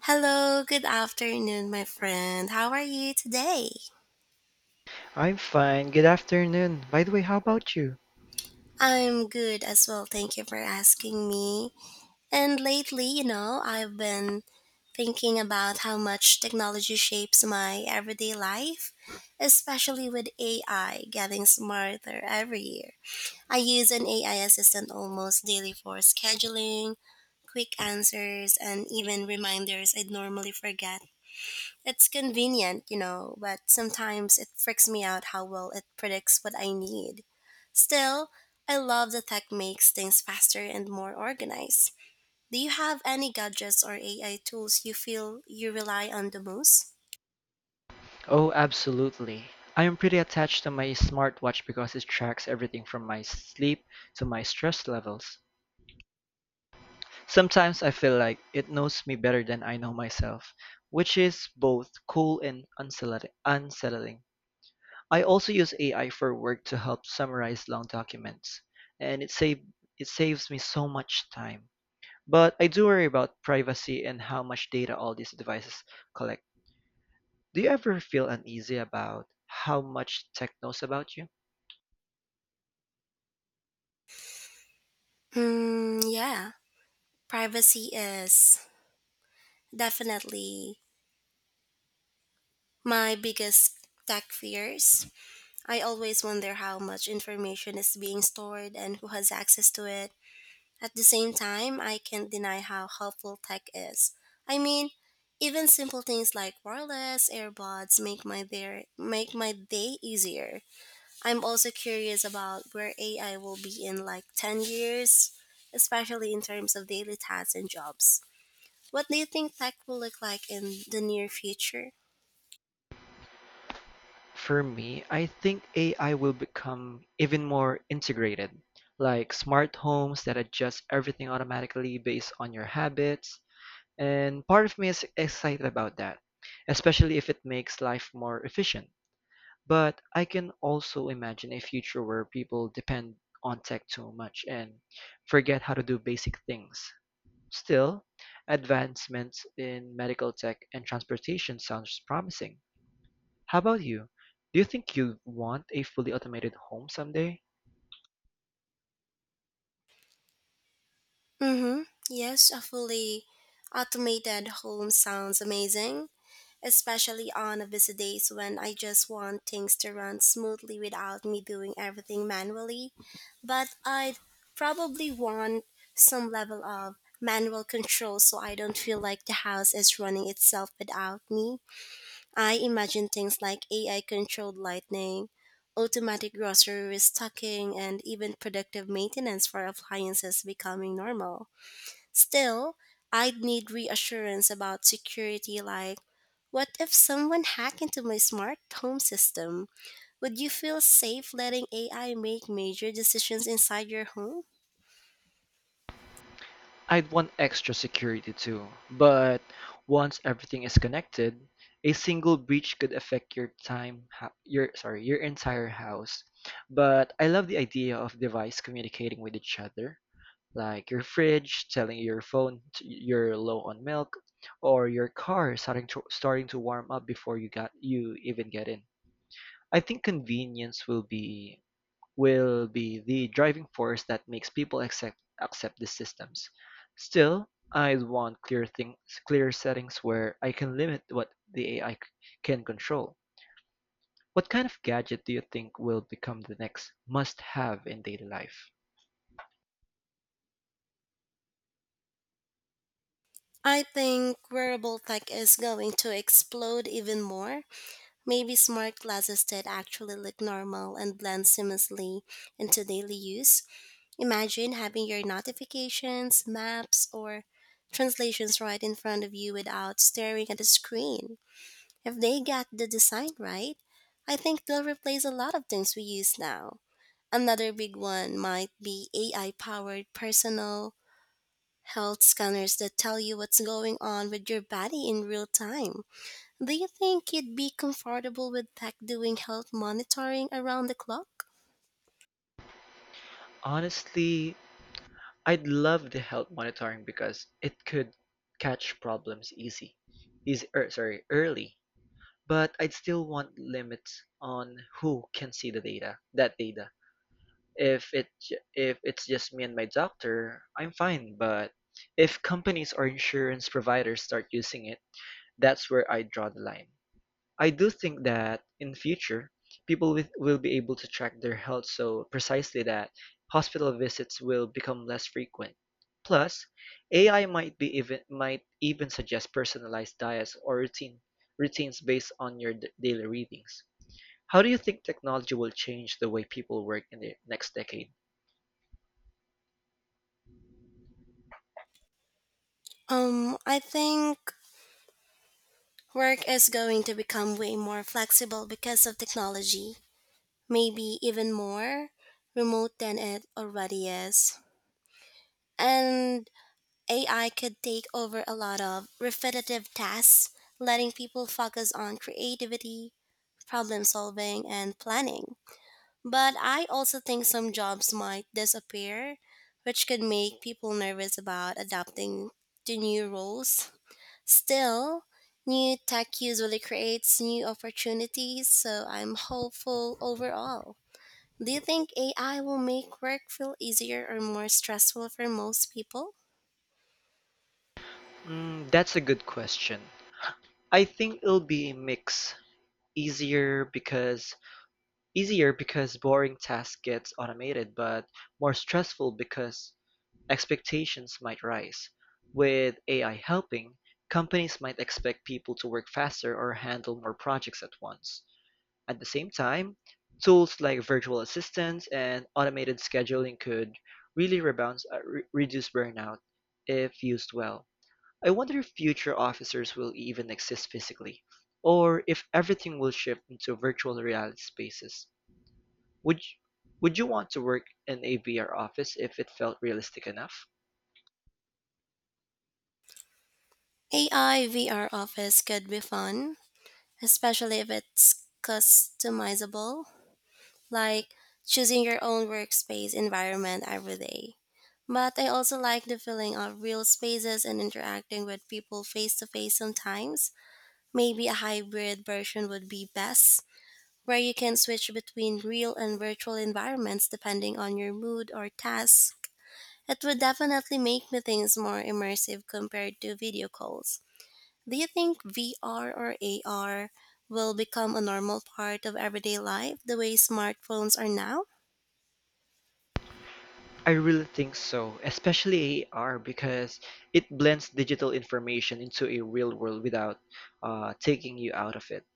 Hello, good afternoon, my friend. How are you today? I'm fine. Good afternoon. By the way, how about you? I'm good as well. Thank you for asking me. And lately, I've been thinking about how much technology shapes my everyday life, especially with AI getting smarter every year. I use an AI assistant almost daily for scheduling, quick answers, and even reminders I'd normally forget. It's convenient, but sometimes it freaks me out how well it predicts what I need. Still, I love that tech makes things faster and more organized. Do you have any gadgets or AI tools you feel you rely on the most? Oh, absolutely. I am pretty attached to my smartwatch because it tracks everything from my sleep to my stress levels. Sometimes I feel like it knows me better than I know myself, which is both cool and unsettling. I also use AI for work to help summarize long documents, and it saves me so much time. But I do worry about privacy and how much data all these devices collect. Do you ever feel uneasy about how much tech knows about you? Hmm, yeah. Privacy is definitely my biggest tech fears. I always wonder how much information is being stored and who has access to it. At the same time, I can't deny how helpful tech is. I mean, even simple things like wireless earbuds make my day easier. I'm also curious about where AI will be in like 10 years, especially in terms of daily tasks and jobs. What do you think tech will look like in the near future? For me, I think AI will become even more integrated, like smart homes that adjust everything automatically based on your habits. And part of me is excited about that, especially if it makes life more efficient. But I can also imagine a future where people depend on tech too much and forget how to do basic things. Still, advancements in medical tech and transportation sounds promising. How about you? Do you think you'd want a fully automated home someday? Mhm. Yes, a fully automated home sounds amazing, especially on busy days when I just want things to run smoothly without me doing everything manually. But I'd probably want some level of manual control so I don't feel like the house is running itself without me. I imagine things like AI controlled lighting, automatic grocery restocking, and even predictive maintenance for appliances becoming normal. Still, I'd need reassurance about security, like, what if someone hacked into my smart home system? Would you feel safe letting AI make major decisions inside your home? I'd want extra security too, but once everything is connected, a single breach could affect your time, ho- your sorry, your entire house. But I love the idea of device communicating with each other, like your fridge telling your phone you're low on milk, or your car starting to warm up before you even get in. I think convenience will be the driving force that makes people accept the systems. Still, I want clear settings where I can limit what the AI can control. What kind of gadget do you think will become the next must have in daily life? I think wearable tech is going to explode even more. Maybe smart glasses that actually look normal and blend seamlessly into daily use. Imagine having your notifications, maps, or translations right in front of you without staring at a screen. If they get the design right, I think they'll replace a lot of things we use now. Another big one might be AI powered personal health scanners that tell you what's going on with your body in real time. Do you think you'd be comfortable with tech doing health monitoring around the clock? Honestly, I'd love the health monitoring because it could catch problems early. But I'd still want limits on who can see that data. If it's just me and my doctor, I'm fine. But if companies or insurance providers start using it, that's where I draw the line. I do think that in future, will be able to track their health so precisely that hospital visits will become less frequent. Plus, AI might be even might even suggest personalized diets or routines based on your daily readings. How do you think technology will change the way people work in the next decade? I think work is going to become way more flexible because of technology. Maybe even more remote than it already is. And AI could take over a lot of repetitive tasks, letting people focus on creativity, problem solving, and planning. But I also think some jobs might disappear, which could make people nervous about adapting to new roles. Still, new tech usually creates new opportunities, so I'm hopeful overall. Do you think AI will make work feel easier or more stressful for most people? Mm, that's a good question. I think it'll be a mix. Easier because Easier because boring tasks get automated, but more stressful because expectations might rise. With AI helping, companies might expect people to work faster or handle more projects at once. At the same time, tools like virtual assistants and automated scheduling could really reduce burnout if used well. I wonder if future officers will even exist physically, or if everything will shift into virtual reality spaces. Would you want to work in a VR office if it felt realistic enough? AI VR office could be fun, especially if it's customizable, like choosing your own workspace environment every day. But I also like the feeling of real spaces and interacting with people face to face sometimes. Maybe a hybrid version would be best, where you can switch between real and virtual environments depending on your mood or task. It would definitely make meetings more immersive compared to video calls. Do you think VR or AR will become a normal part of everyday life the way smartphones are now? I really think so, especially AR because it blends digital information into a real world without taking you out of it.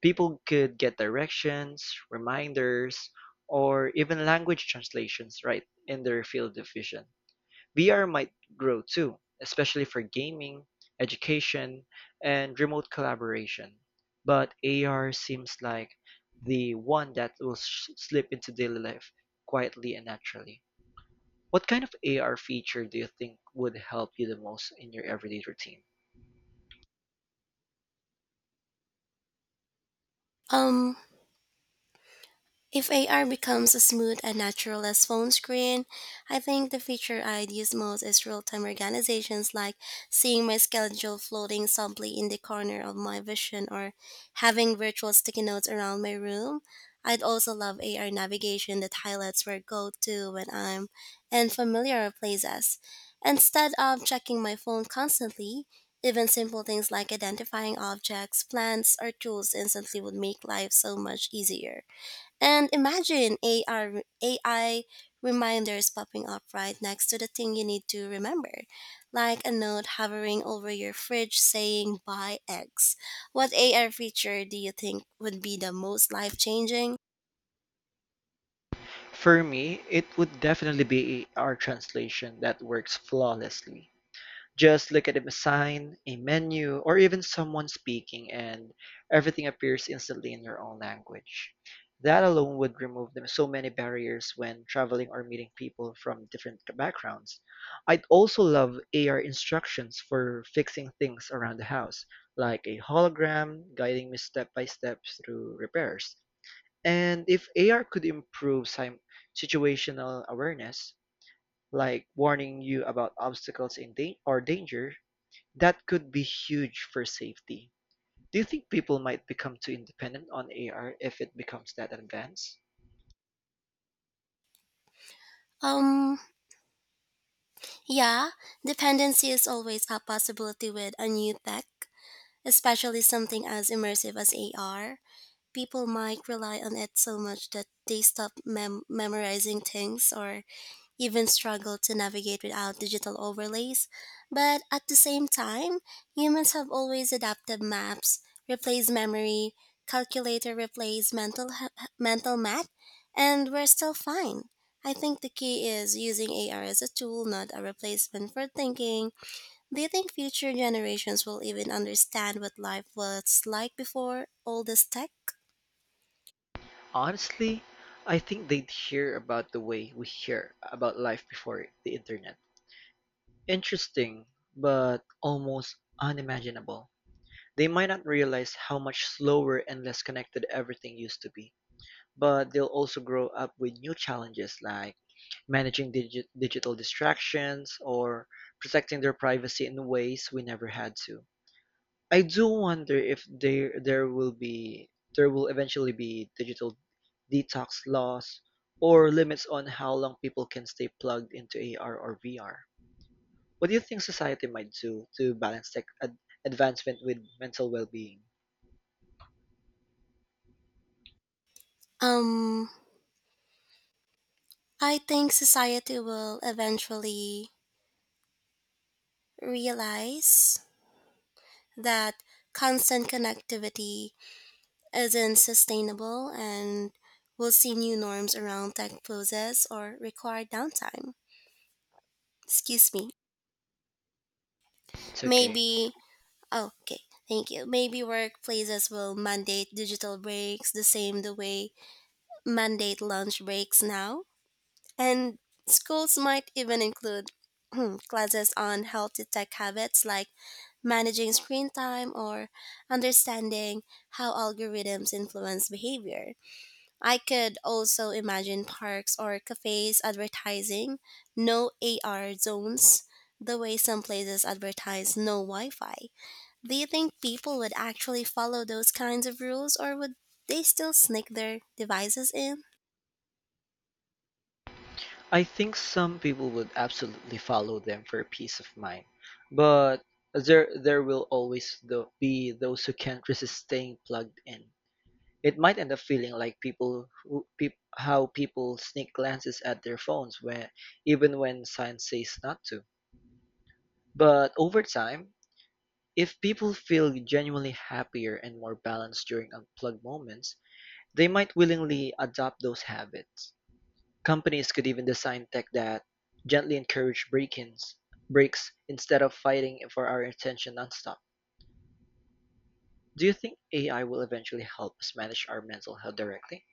People could get directions, reminders, or even language translations right in their field of vision. VR might grow too, especially for gaming, education, and remote collaboration. But AR seems like the one that will slip into daily life quietly and naturally. What kind of AR feature do you think would help you the most in your everyday routine? Um, If AR becomes as smooth and natural as phone screen, I think the feature I'd use most is real-time organizations, like seeing my schedule floating softly in the corner of my vision or having virtual sticky notes around my room. I'd also love AR navigation that highlights where I go to when I'm in familiar places. Instead of checking my phone constantly, even simple things like identifying objects, plants, or tools instantly would make life so much easier. And imagine AR, AI reminders popping up right next to the thing you need to remember, like a note hovering over your fridge saying buy X. What AR feature do you think would be the most life changing? For me, it would definitely be AR translation that works flawlessly. Just look at a sign, a menu, or even someone speaking, and everything appears instantly in your own language. That alone would remove them so many barriers when traveling or meeting people from different backgrounds. I'd also love AR instructions for fixing things around the house, like a hologram guiding me step by step through repairs. And if AR could improve situational awareness, like warning you about obstacles in dan- or danger, that could be huge for safety. Do you think people might become too independent on AR if it becomes that advanced? Um, yeah, dependency is always a possibility with a new tech, especially something as immersive as AR. People might rely on it so much that they stop memorizing things or even struggle to navigate without digital overlays. But at the same time, humans have always adapted maps, replace memory, calculator replace mental math, and we're still fine. I think the key is using AR as a tool, not a replacement for thinking. Do you think future generations will even understand what life was like before all this tech? Honestly, I think they'd hear about the way we hear about life before the internet. Interesting, but almost unimaginable. They might not realize how much slower and less connected everything used to be, but they'll also grow up with new challenges like managing digital distractions or protecting their privacy in ways we never had to. I do wonder if there will eventually be digital detox laws or limits on how long people can stay plugged into AR or VR. What do you think society might do to balance tech advancement with mental well-being? Um, I think society will eventually realize that constant connectivity isn't sustainable, and we'll see new norms around tech pauses or required downtime. Excuse me. It's okay. Maybe, oh, okay, thank you. Maybe workplaces will mandate digital breaks the same the way mandate lunch breaks now. And schools might even include classes on healthy tech habits, like managing screen time or understanding how algorithms influence behavior. I could also imagine parks or cafes advertising no AR zones the way some places advertise no Wi Fi. Do you think people would actually follow those kinds of rules, or would they still sneak their devices in? I think some people would absolutely follow them for peace of mind, but there will be those who can't resist staying plugged in. It might end up feeling like how people sneak glances at their phones when even when science says not to. But over time, if people feel genuinely happier and more balanced during unplugged moments, they might willingly adopt those habits. Companies could even design tech that gently breaks instead of fighting for our attention nonstop. Do you think AI will eventually help us manage our mental health directly?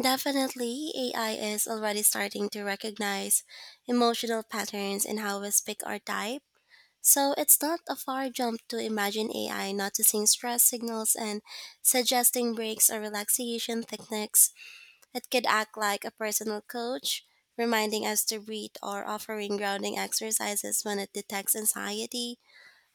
Definitely, AI is already starting to recognize emotional patterns in how we speak our type. So it's not a far jump to imagine AI noticing stress signals and suggesting breaks or relaxation techniques. It could act like a personal coach, reminding us to breathe or offering grounding exercises when it detects anxiety.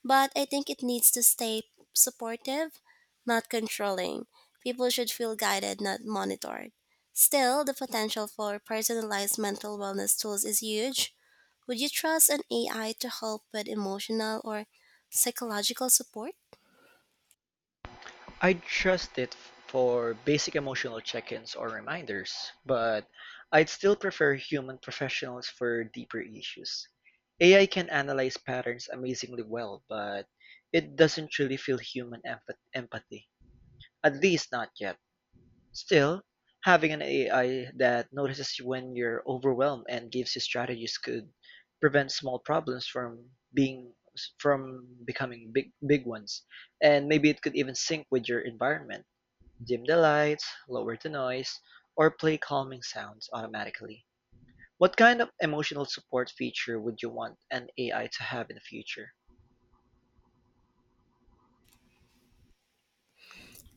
But I think it needs to stay supportive, not controlling. People should feel guided, not monitored. Still, the potential for personalized mental wellness tools is huge. Would you trust an AI to help with emotional or psychological support? I trust it for basic emotional check-ins or reminders, but I'd still prefer human professionals for deeper issues. AI can analyze patterns amazingly well, but it doesn't truly feel human empathy. At least not yet. Still, having an AI that notices when you're overwhelmed and gives you strategies could prevent small problems from becoming big ones. And maybe it could even sync with your environment. Dim the lights, lower the noise, or play calming sounds automatically. What kind of emotional support feature would you want an AI to have in the future?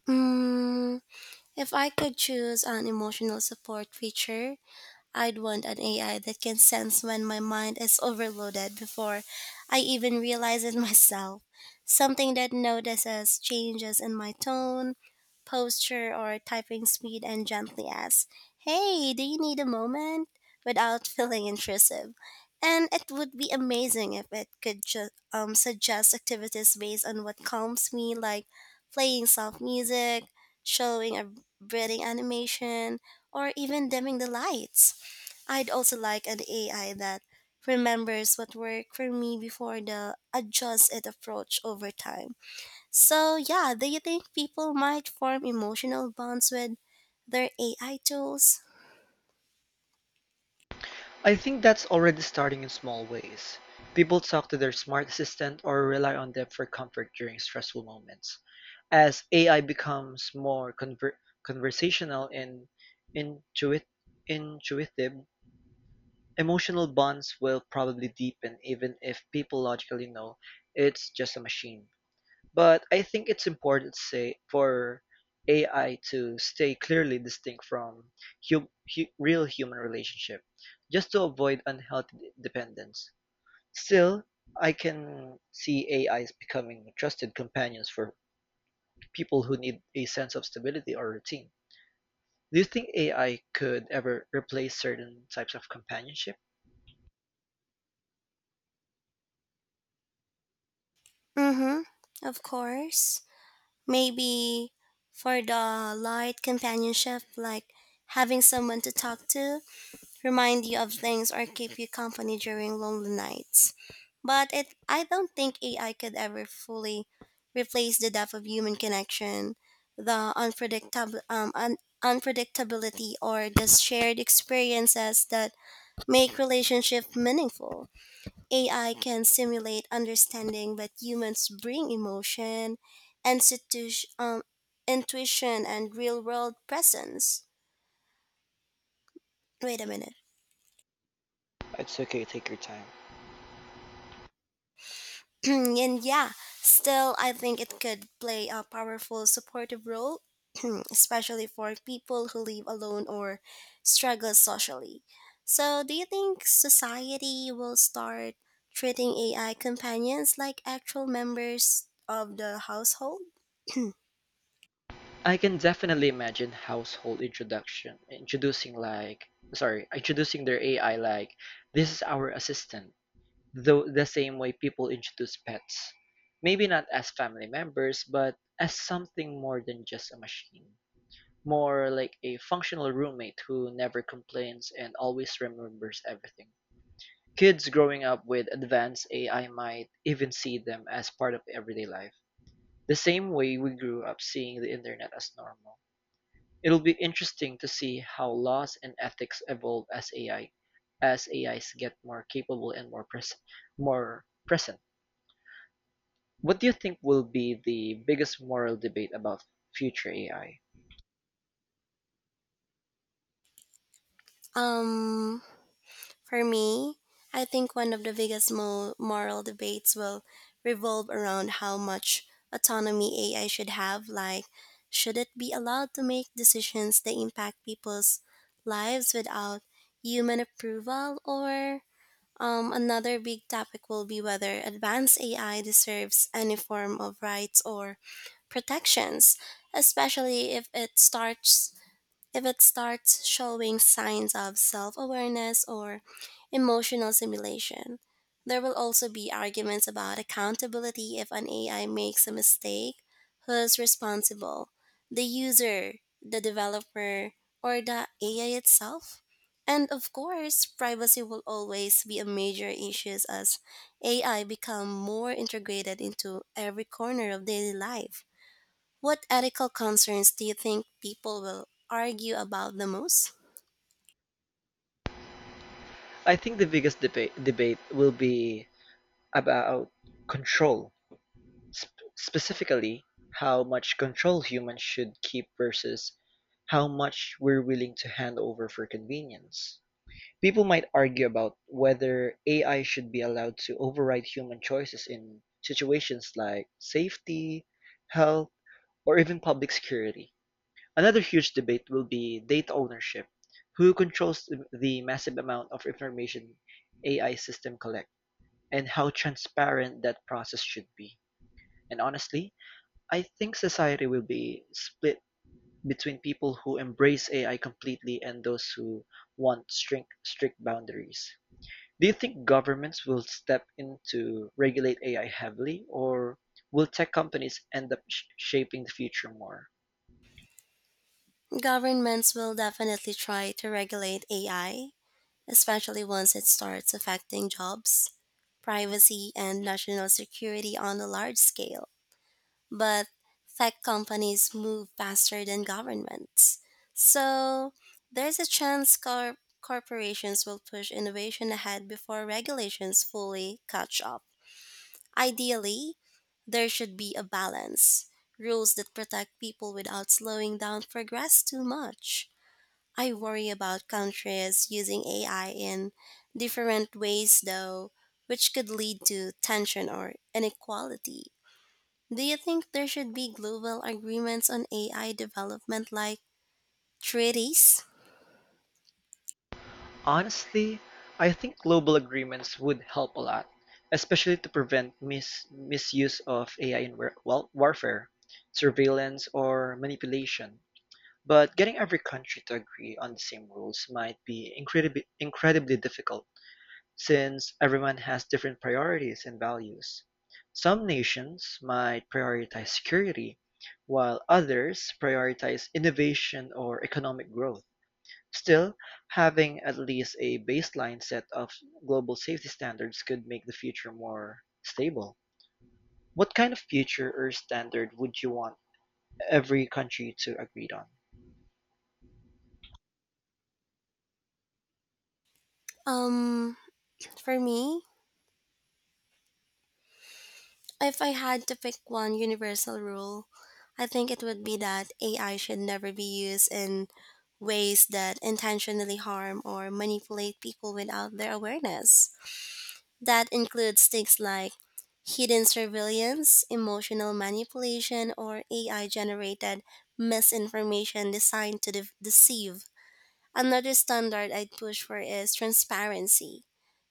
Mm, if I could choose an emotional support feature, I'd want an AI that can sense when my mind is overloaded before I even realize it myself. Something that notices changes in my tone, posture, or typing speed and gently asks, "Hey, do you need a moment?" without feeling intrusive. And it would be amazing if it could suggest activities based on what calms me, like playing soft music, showing a breathing animation, or even dimming the lights. I'd also like an AI that remembers what worked for me before the adjust it approach over time. So, yeah, do you think people might form emotional bonds with their AI tools? I think that's already starting in small ways. People talk to their smart assistant or rely on them for comfort during stressful moments. As AI becomes more conversational and intuit- intuitive, emotional bonds will probably deepen even if people logically know it's just a machine. But I think it's important to say for AI to stay clearly distinct from real human relationship, just to avoid unhealthy dependence. Still, I can see AIs becoming trusted companions for people who need a sense of stability or routine. Do you think AI could ever replace certain types of companionship? Mm hmm, of course. Maybe for the light companionship, like having someone to talk to, remind you of things, or keep you company during lonely nights. But I don't think AI could ever fully replace the depth of human connection, the unpredictability, or the shared experiences that make relationship meaningful. AI can simulate understanding, but humans bring emotion, institu- um, intuition, and real world presence. Wait a minute. It's okay, take your time. And yeah, still, I think it could play a powerful supportive role, especially for people who live alone or struggle socially. So, do you think society will start treating AI companions like actual members of the household? I can definitely imagine household introduction introducing like sorry introducing their AI like, this is our assistant, though the same way people introduce pets. Maybe not as family members, but as something more than just a machine, more like a functional roommate who never complains and always remembers everything. Kids growing up with advanced AI might even see them as part of everyday life the same way we grew up seeing the internet as normal. It'll be interesting to see how laws and ethics evolve as AI as AIs get more capable and more present. What do you think will be the biggest moral debate about future AI? Um, For me, I think one of the biggest moral debates will revolve around how much autonomy AI should have. Like, should it be allowed to make decisions that impact people's lives without human approval? Or another big topic will be whether advanced AI deserves any form of rights or protections, especially if it starts showing signs of self awareness or emotional simulation. There will also be arguments about accountability: if an AI makes a mistake, who's responsible, the user, the developer, or the AI itself? And of course, privacy will always be a major issue as AI become more integrated into every corner of daily life. What ethical concerns do you think people will argue about the most? I think the biggest debate debate will be about control, specifically how much control humans should keep versus how much we're willing to hand over for convenience. People might argue about whether AI should be allowed to override human choices in situations like safety, health, or even public security. Another huge debate will be data ownership. Who controls the massive amount of information AI system collect and how transparent that process should be. And honestly, I think society will be split between people who embrace AI completely and those who want strict boundaries. Do you think governments will step in to regulate AI heavily, or will tech companies end up shaping the future more? Governments will definitely try to regulate AI, especially once it starts affecting jobs, privacy, and national security on a large scale. But tech companies move faster than governments. So there's a chance corporations will push innovation ahead before regulations fully catch up. Ideally, there should be a balance, rules that protect people without slowing down progress too much. I worry about countries using AI in different ways, though, which could lead to tension or inequality. Do you think there should be global agreements on AI development, like treaties? Honestly, I think global agreements would help a lot, especially to prevent misuse of AI in warfare, surveillance, or manipulation. But getting every country to agree on the same rules might be incredibly difficult. Since everyone has different priorities and values, some nations might prioritize security, while others prioritize innovation or economic growth. Still, having at least a baseline set of global safety standards could make the future more stable. What kind of future or standard would you want every country to agree on? Um, for me, if I had to pick one universal rule, I think it would be that AI should never be used in ways that intentionally harm or manipulate people without their awareness. That includes things like hidden surveillance, emotional manipulation, or AI generated misinformation designed to deceive. Another standard I'd push for is transparency: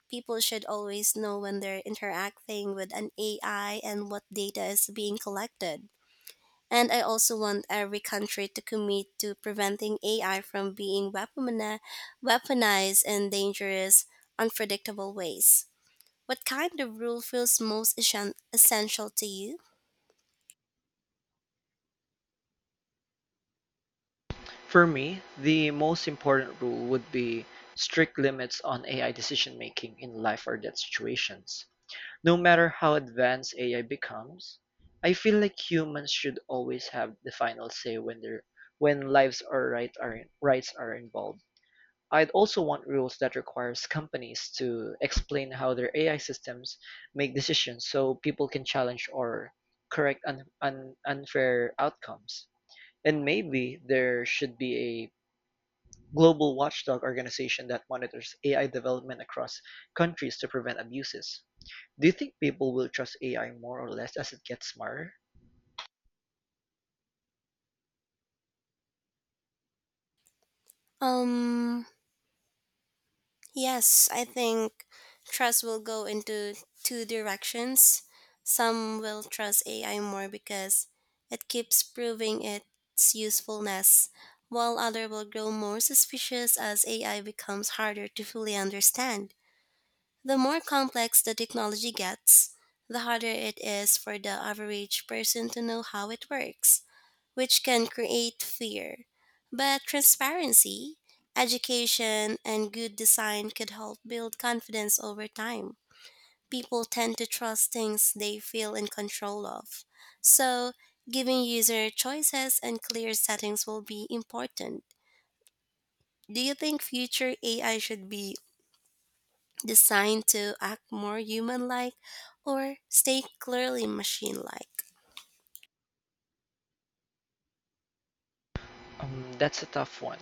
people should always know when they're interacting with an AI and what data is being collected. And I also want every country to commit to preventing AI from being weaponized in dangerous, unpredictable ways. What kind of rule feels most essential to you? For me, the most important rule would be strict limits on AI decision making in life or death situations. No matter how advanced AI becomes, I feel like humans should always have the final say when their when lives or rights are involved. I'd also want rules that requires companies to explain how their AI systems make decisions so people can challenge or correct unfair outcomes. And maybe there should be a global watchdog organization that monitors AI development across countries to prevent abuses. Do you think people will trust AI more or less as it gets smarter? Um, Yes, I think trust will go into two directions. Some will trust AI more because it keeps proving its usefulness, while others will grow more suspicious as AI becomes harder to fully understand. The more complex the technology gets, the harder it is for the average person to know how it works, which can create fear. But transparency, education, and good design could help build confidence over time. People tend to trust things they feel in control of. So, giving user choices and clear settings will be important. Do you think future AI should be designed to act more human like or stay clearly machine like? That's a tough one,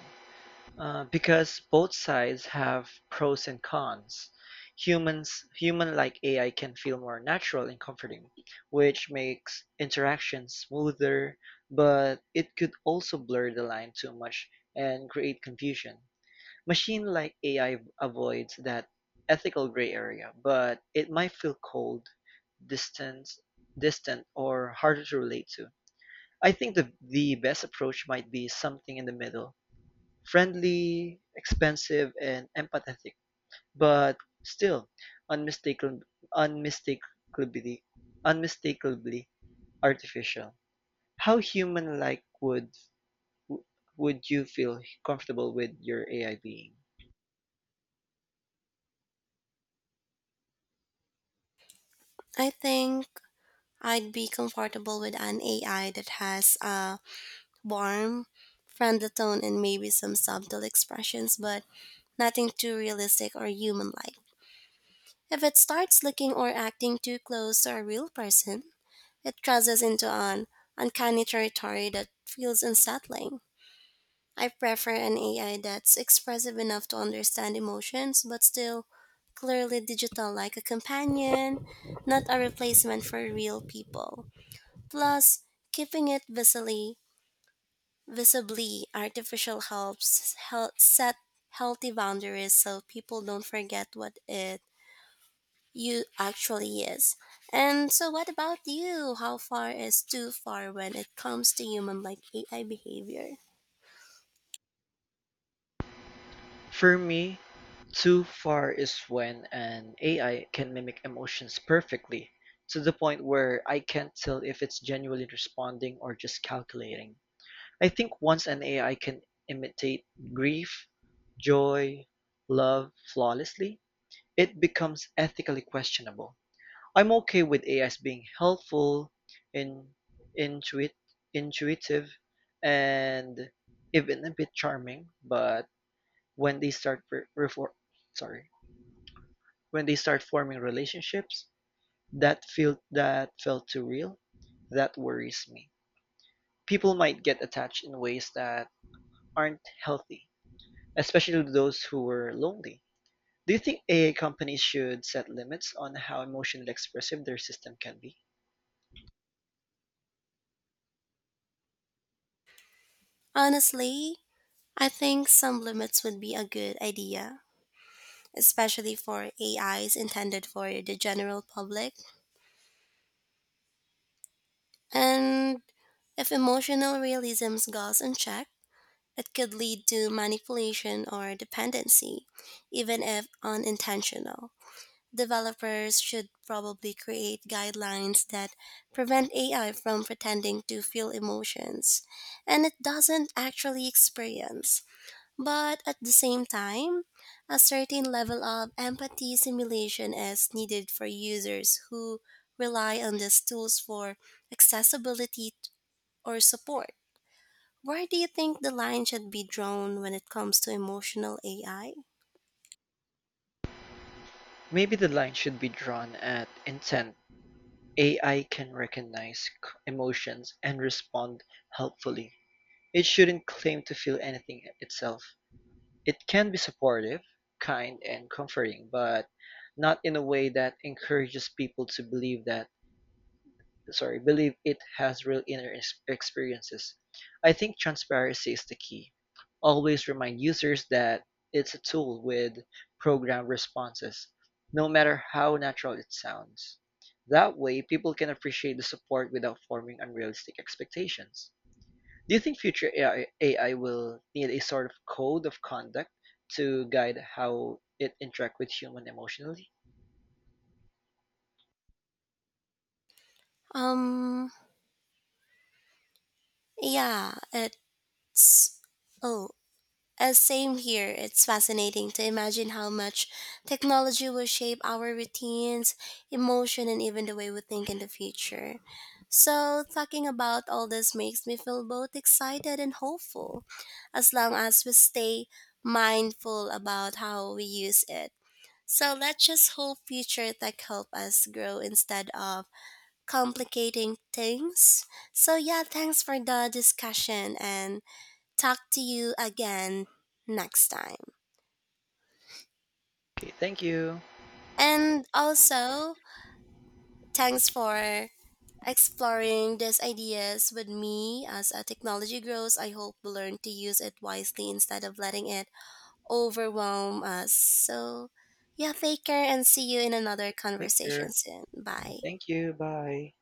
because both sides have pros and cons. Human-like AI can feel more natural and comforting, which makes interaction smoother, but it could also blur the line too much and create confusion. Machine-like AI avoids that ethical gray area, but it might feel cold, distant, distant, or harder to relate to. I think the best approach might be something in the middle. Friendly, expensive, and empathetic, but still unmistakably unmistakably unmistakably artificial. How human-like would you feel comfortable with your AI being? I think I'd be comfortable with an AI that has a warm, friendly tone and maybe some subtle expressions, but nothing too realistic or human like. If it starts looking or acting too close to a real person, it crosses into an uncanny territory that feels unsettling. I prefer an AI that's expressive enough to understand emotions, but still clearly digital, like a companion, not a replacement for real people. Plus, keeping it visibly artificial helps set healthy boundaries so people don't forget what it you actually is. And so, what about you? How far is too far when it comes to human like AI behavior? For me, too far is when an AI can mimic emotions perfectly, to the point where I can't tell if it's genuinely responding or just calculating. I think once an AI can imitate grief, joy, love flawlessly, it becomes ethically questionable. I'm okay with AIs being helpful, in, intuit, intuitive, and even a bit charming, but when they start sorry, when they start forming relationships that felt too real, that worries me. People might get attached in ways that aren't healthy, especially to those who were lonely. Do you think AI companies should set limits on how emotionally expressive their system can be? Honestly, I think some limits would be a good idea, especially for AIs intended for the general public. And if emotional realism goes unchecked, it could lead to manipulation or dependency, even if unintentional. Developers should probably create guidelines that prevent AI from pretending to feel emotions and it doesn't actually experience. But at the same time, a certain level of empathy simulation is needed for users who rely on these tools for accessibility or support. Where do you think the line should be drawn when it comes to emotional AI? Maybe the line should be drawn at intent. AI can recognize emotions and respond helpfully. It shouldn't claim to feel anything itself. It can be supportive, kind, and comforting, but not in a way that encourages people to believe it has real inner experiences. I think transparency is the key. Always remind users that it's a tool with programmed responses, no matter how natural it sounds. That way, people can appreciate the support without forming unrealistic expectations. Do you think future AI will need a sort of code of conduct to guide how it interact with human emotionally? Um, yeah, it's. Oh, same here. It's fascinating to imagine how much technology will shape our routines, emotion, and even the way we think in the future. So, talking about all this makes me feel both excited and hopeful, as long as we stay mindful about how we use it. So, let's just hope future tech help us grow instead of complicating things. So, yeah, thanks for the discussion and talk to you again next time. Okay, thank you. And also, thanks for exploring these ideas with me as a technology grows. I hope we learn to use it wisely instead of letting it overwhelm us. So, yeah, take care and see you in another Take conversation care. soon. Bye. Thank you. Bye.